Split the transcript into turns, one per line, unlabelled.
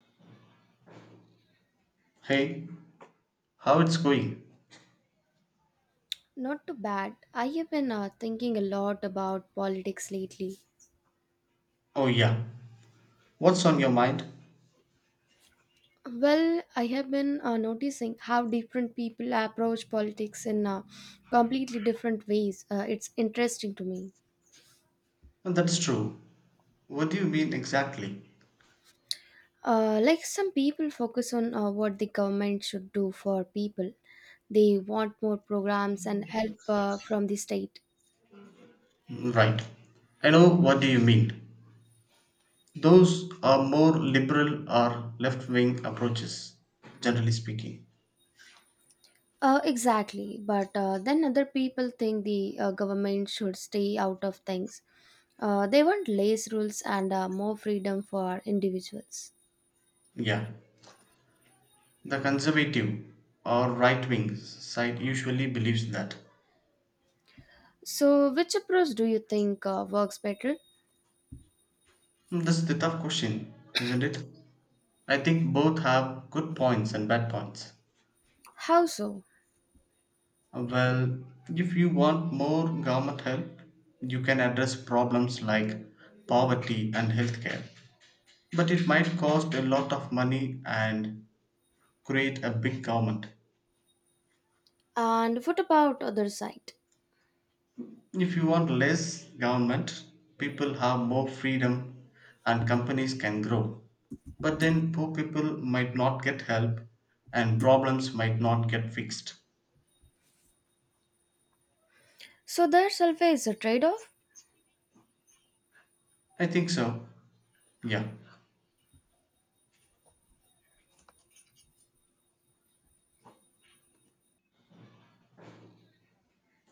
Hey, how it's going?
Not too bad. I have been thinking a lot about politics lately.
Oh yeah. What's on your mind?
Well, I have been noticing how different people approach politics in completely different ways. It's interesting to me.
That's true. What do you mean exactly?
Like some people focus on what the government should do for people, they want more programs and help from the state.
Mm, right. I know what do you mean. Those are more liberal or left-wing approaches, generally speaking.
Exactly, but then other people think the government should stay out of things. They want less rules and more freedom for individuals.
Yeah. The conservative or right-wing side usually believes that.
So, which approach do you think works better?
This is the tough question, isn't it? I think both have good points and bad points.
How so?
Well, if you want more government help, you can address problems like poverty and healthcare. But it might cost a lot of money and create a big government.
And what about other side?
If you want less government, people have more freedom and companies can grow. But then poor people might not get help and problems might not get fixed.
So, there's always a trade-off.
I think so. Yeah.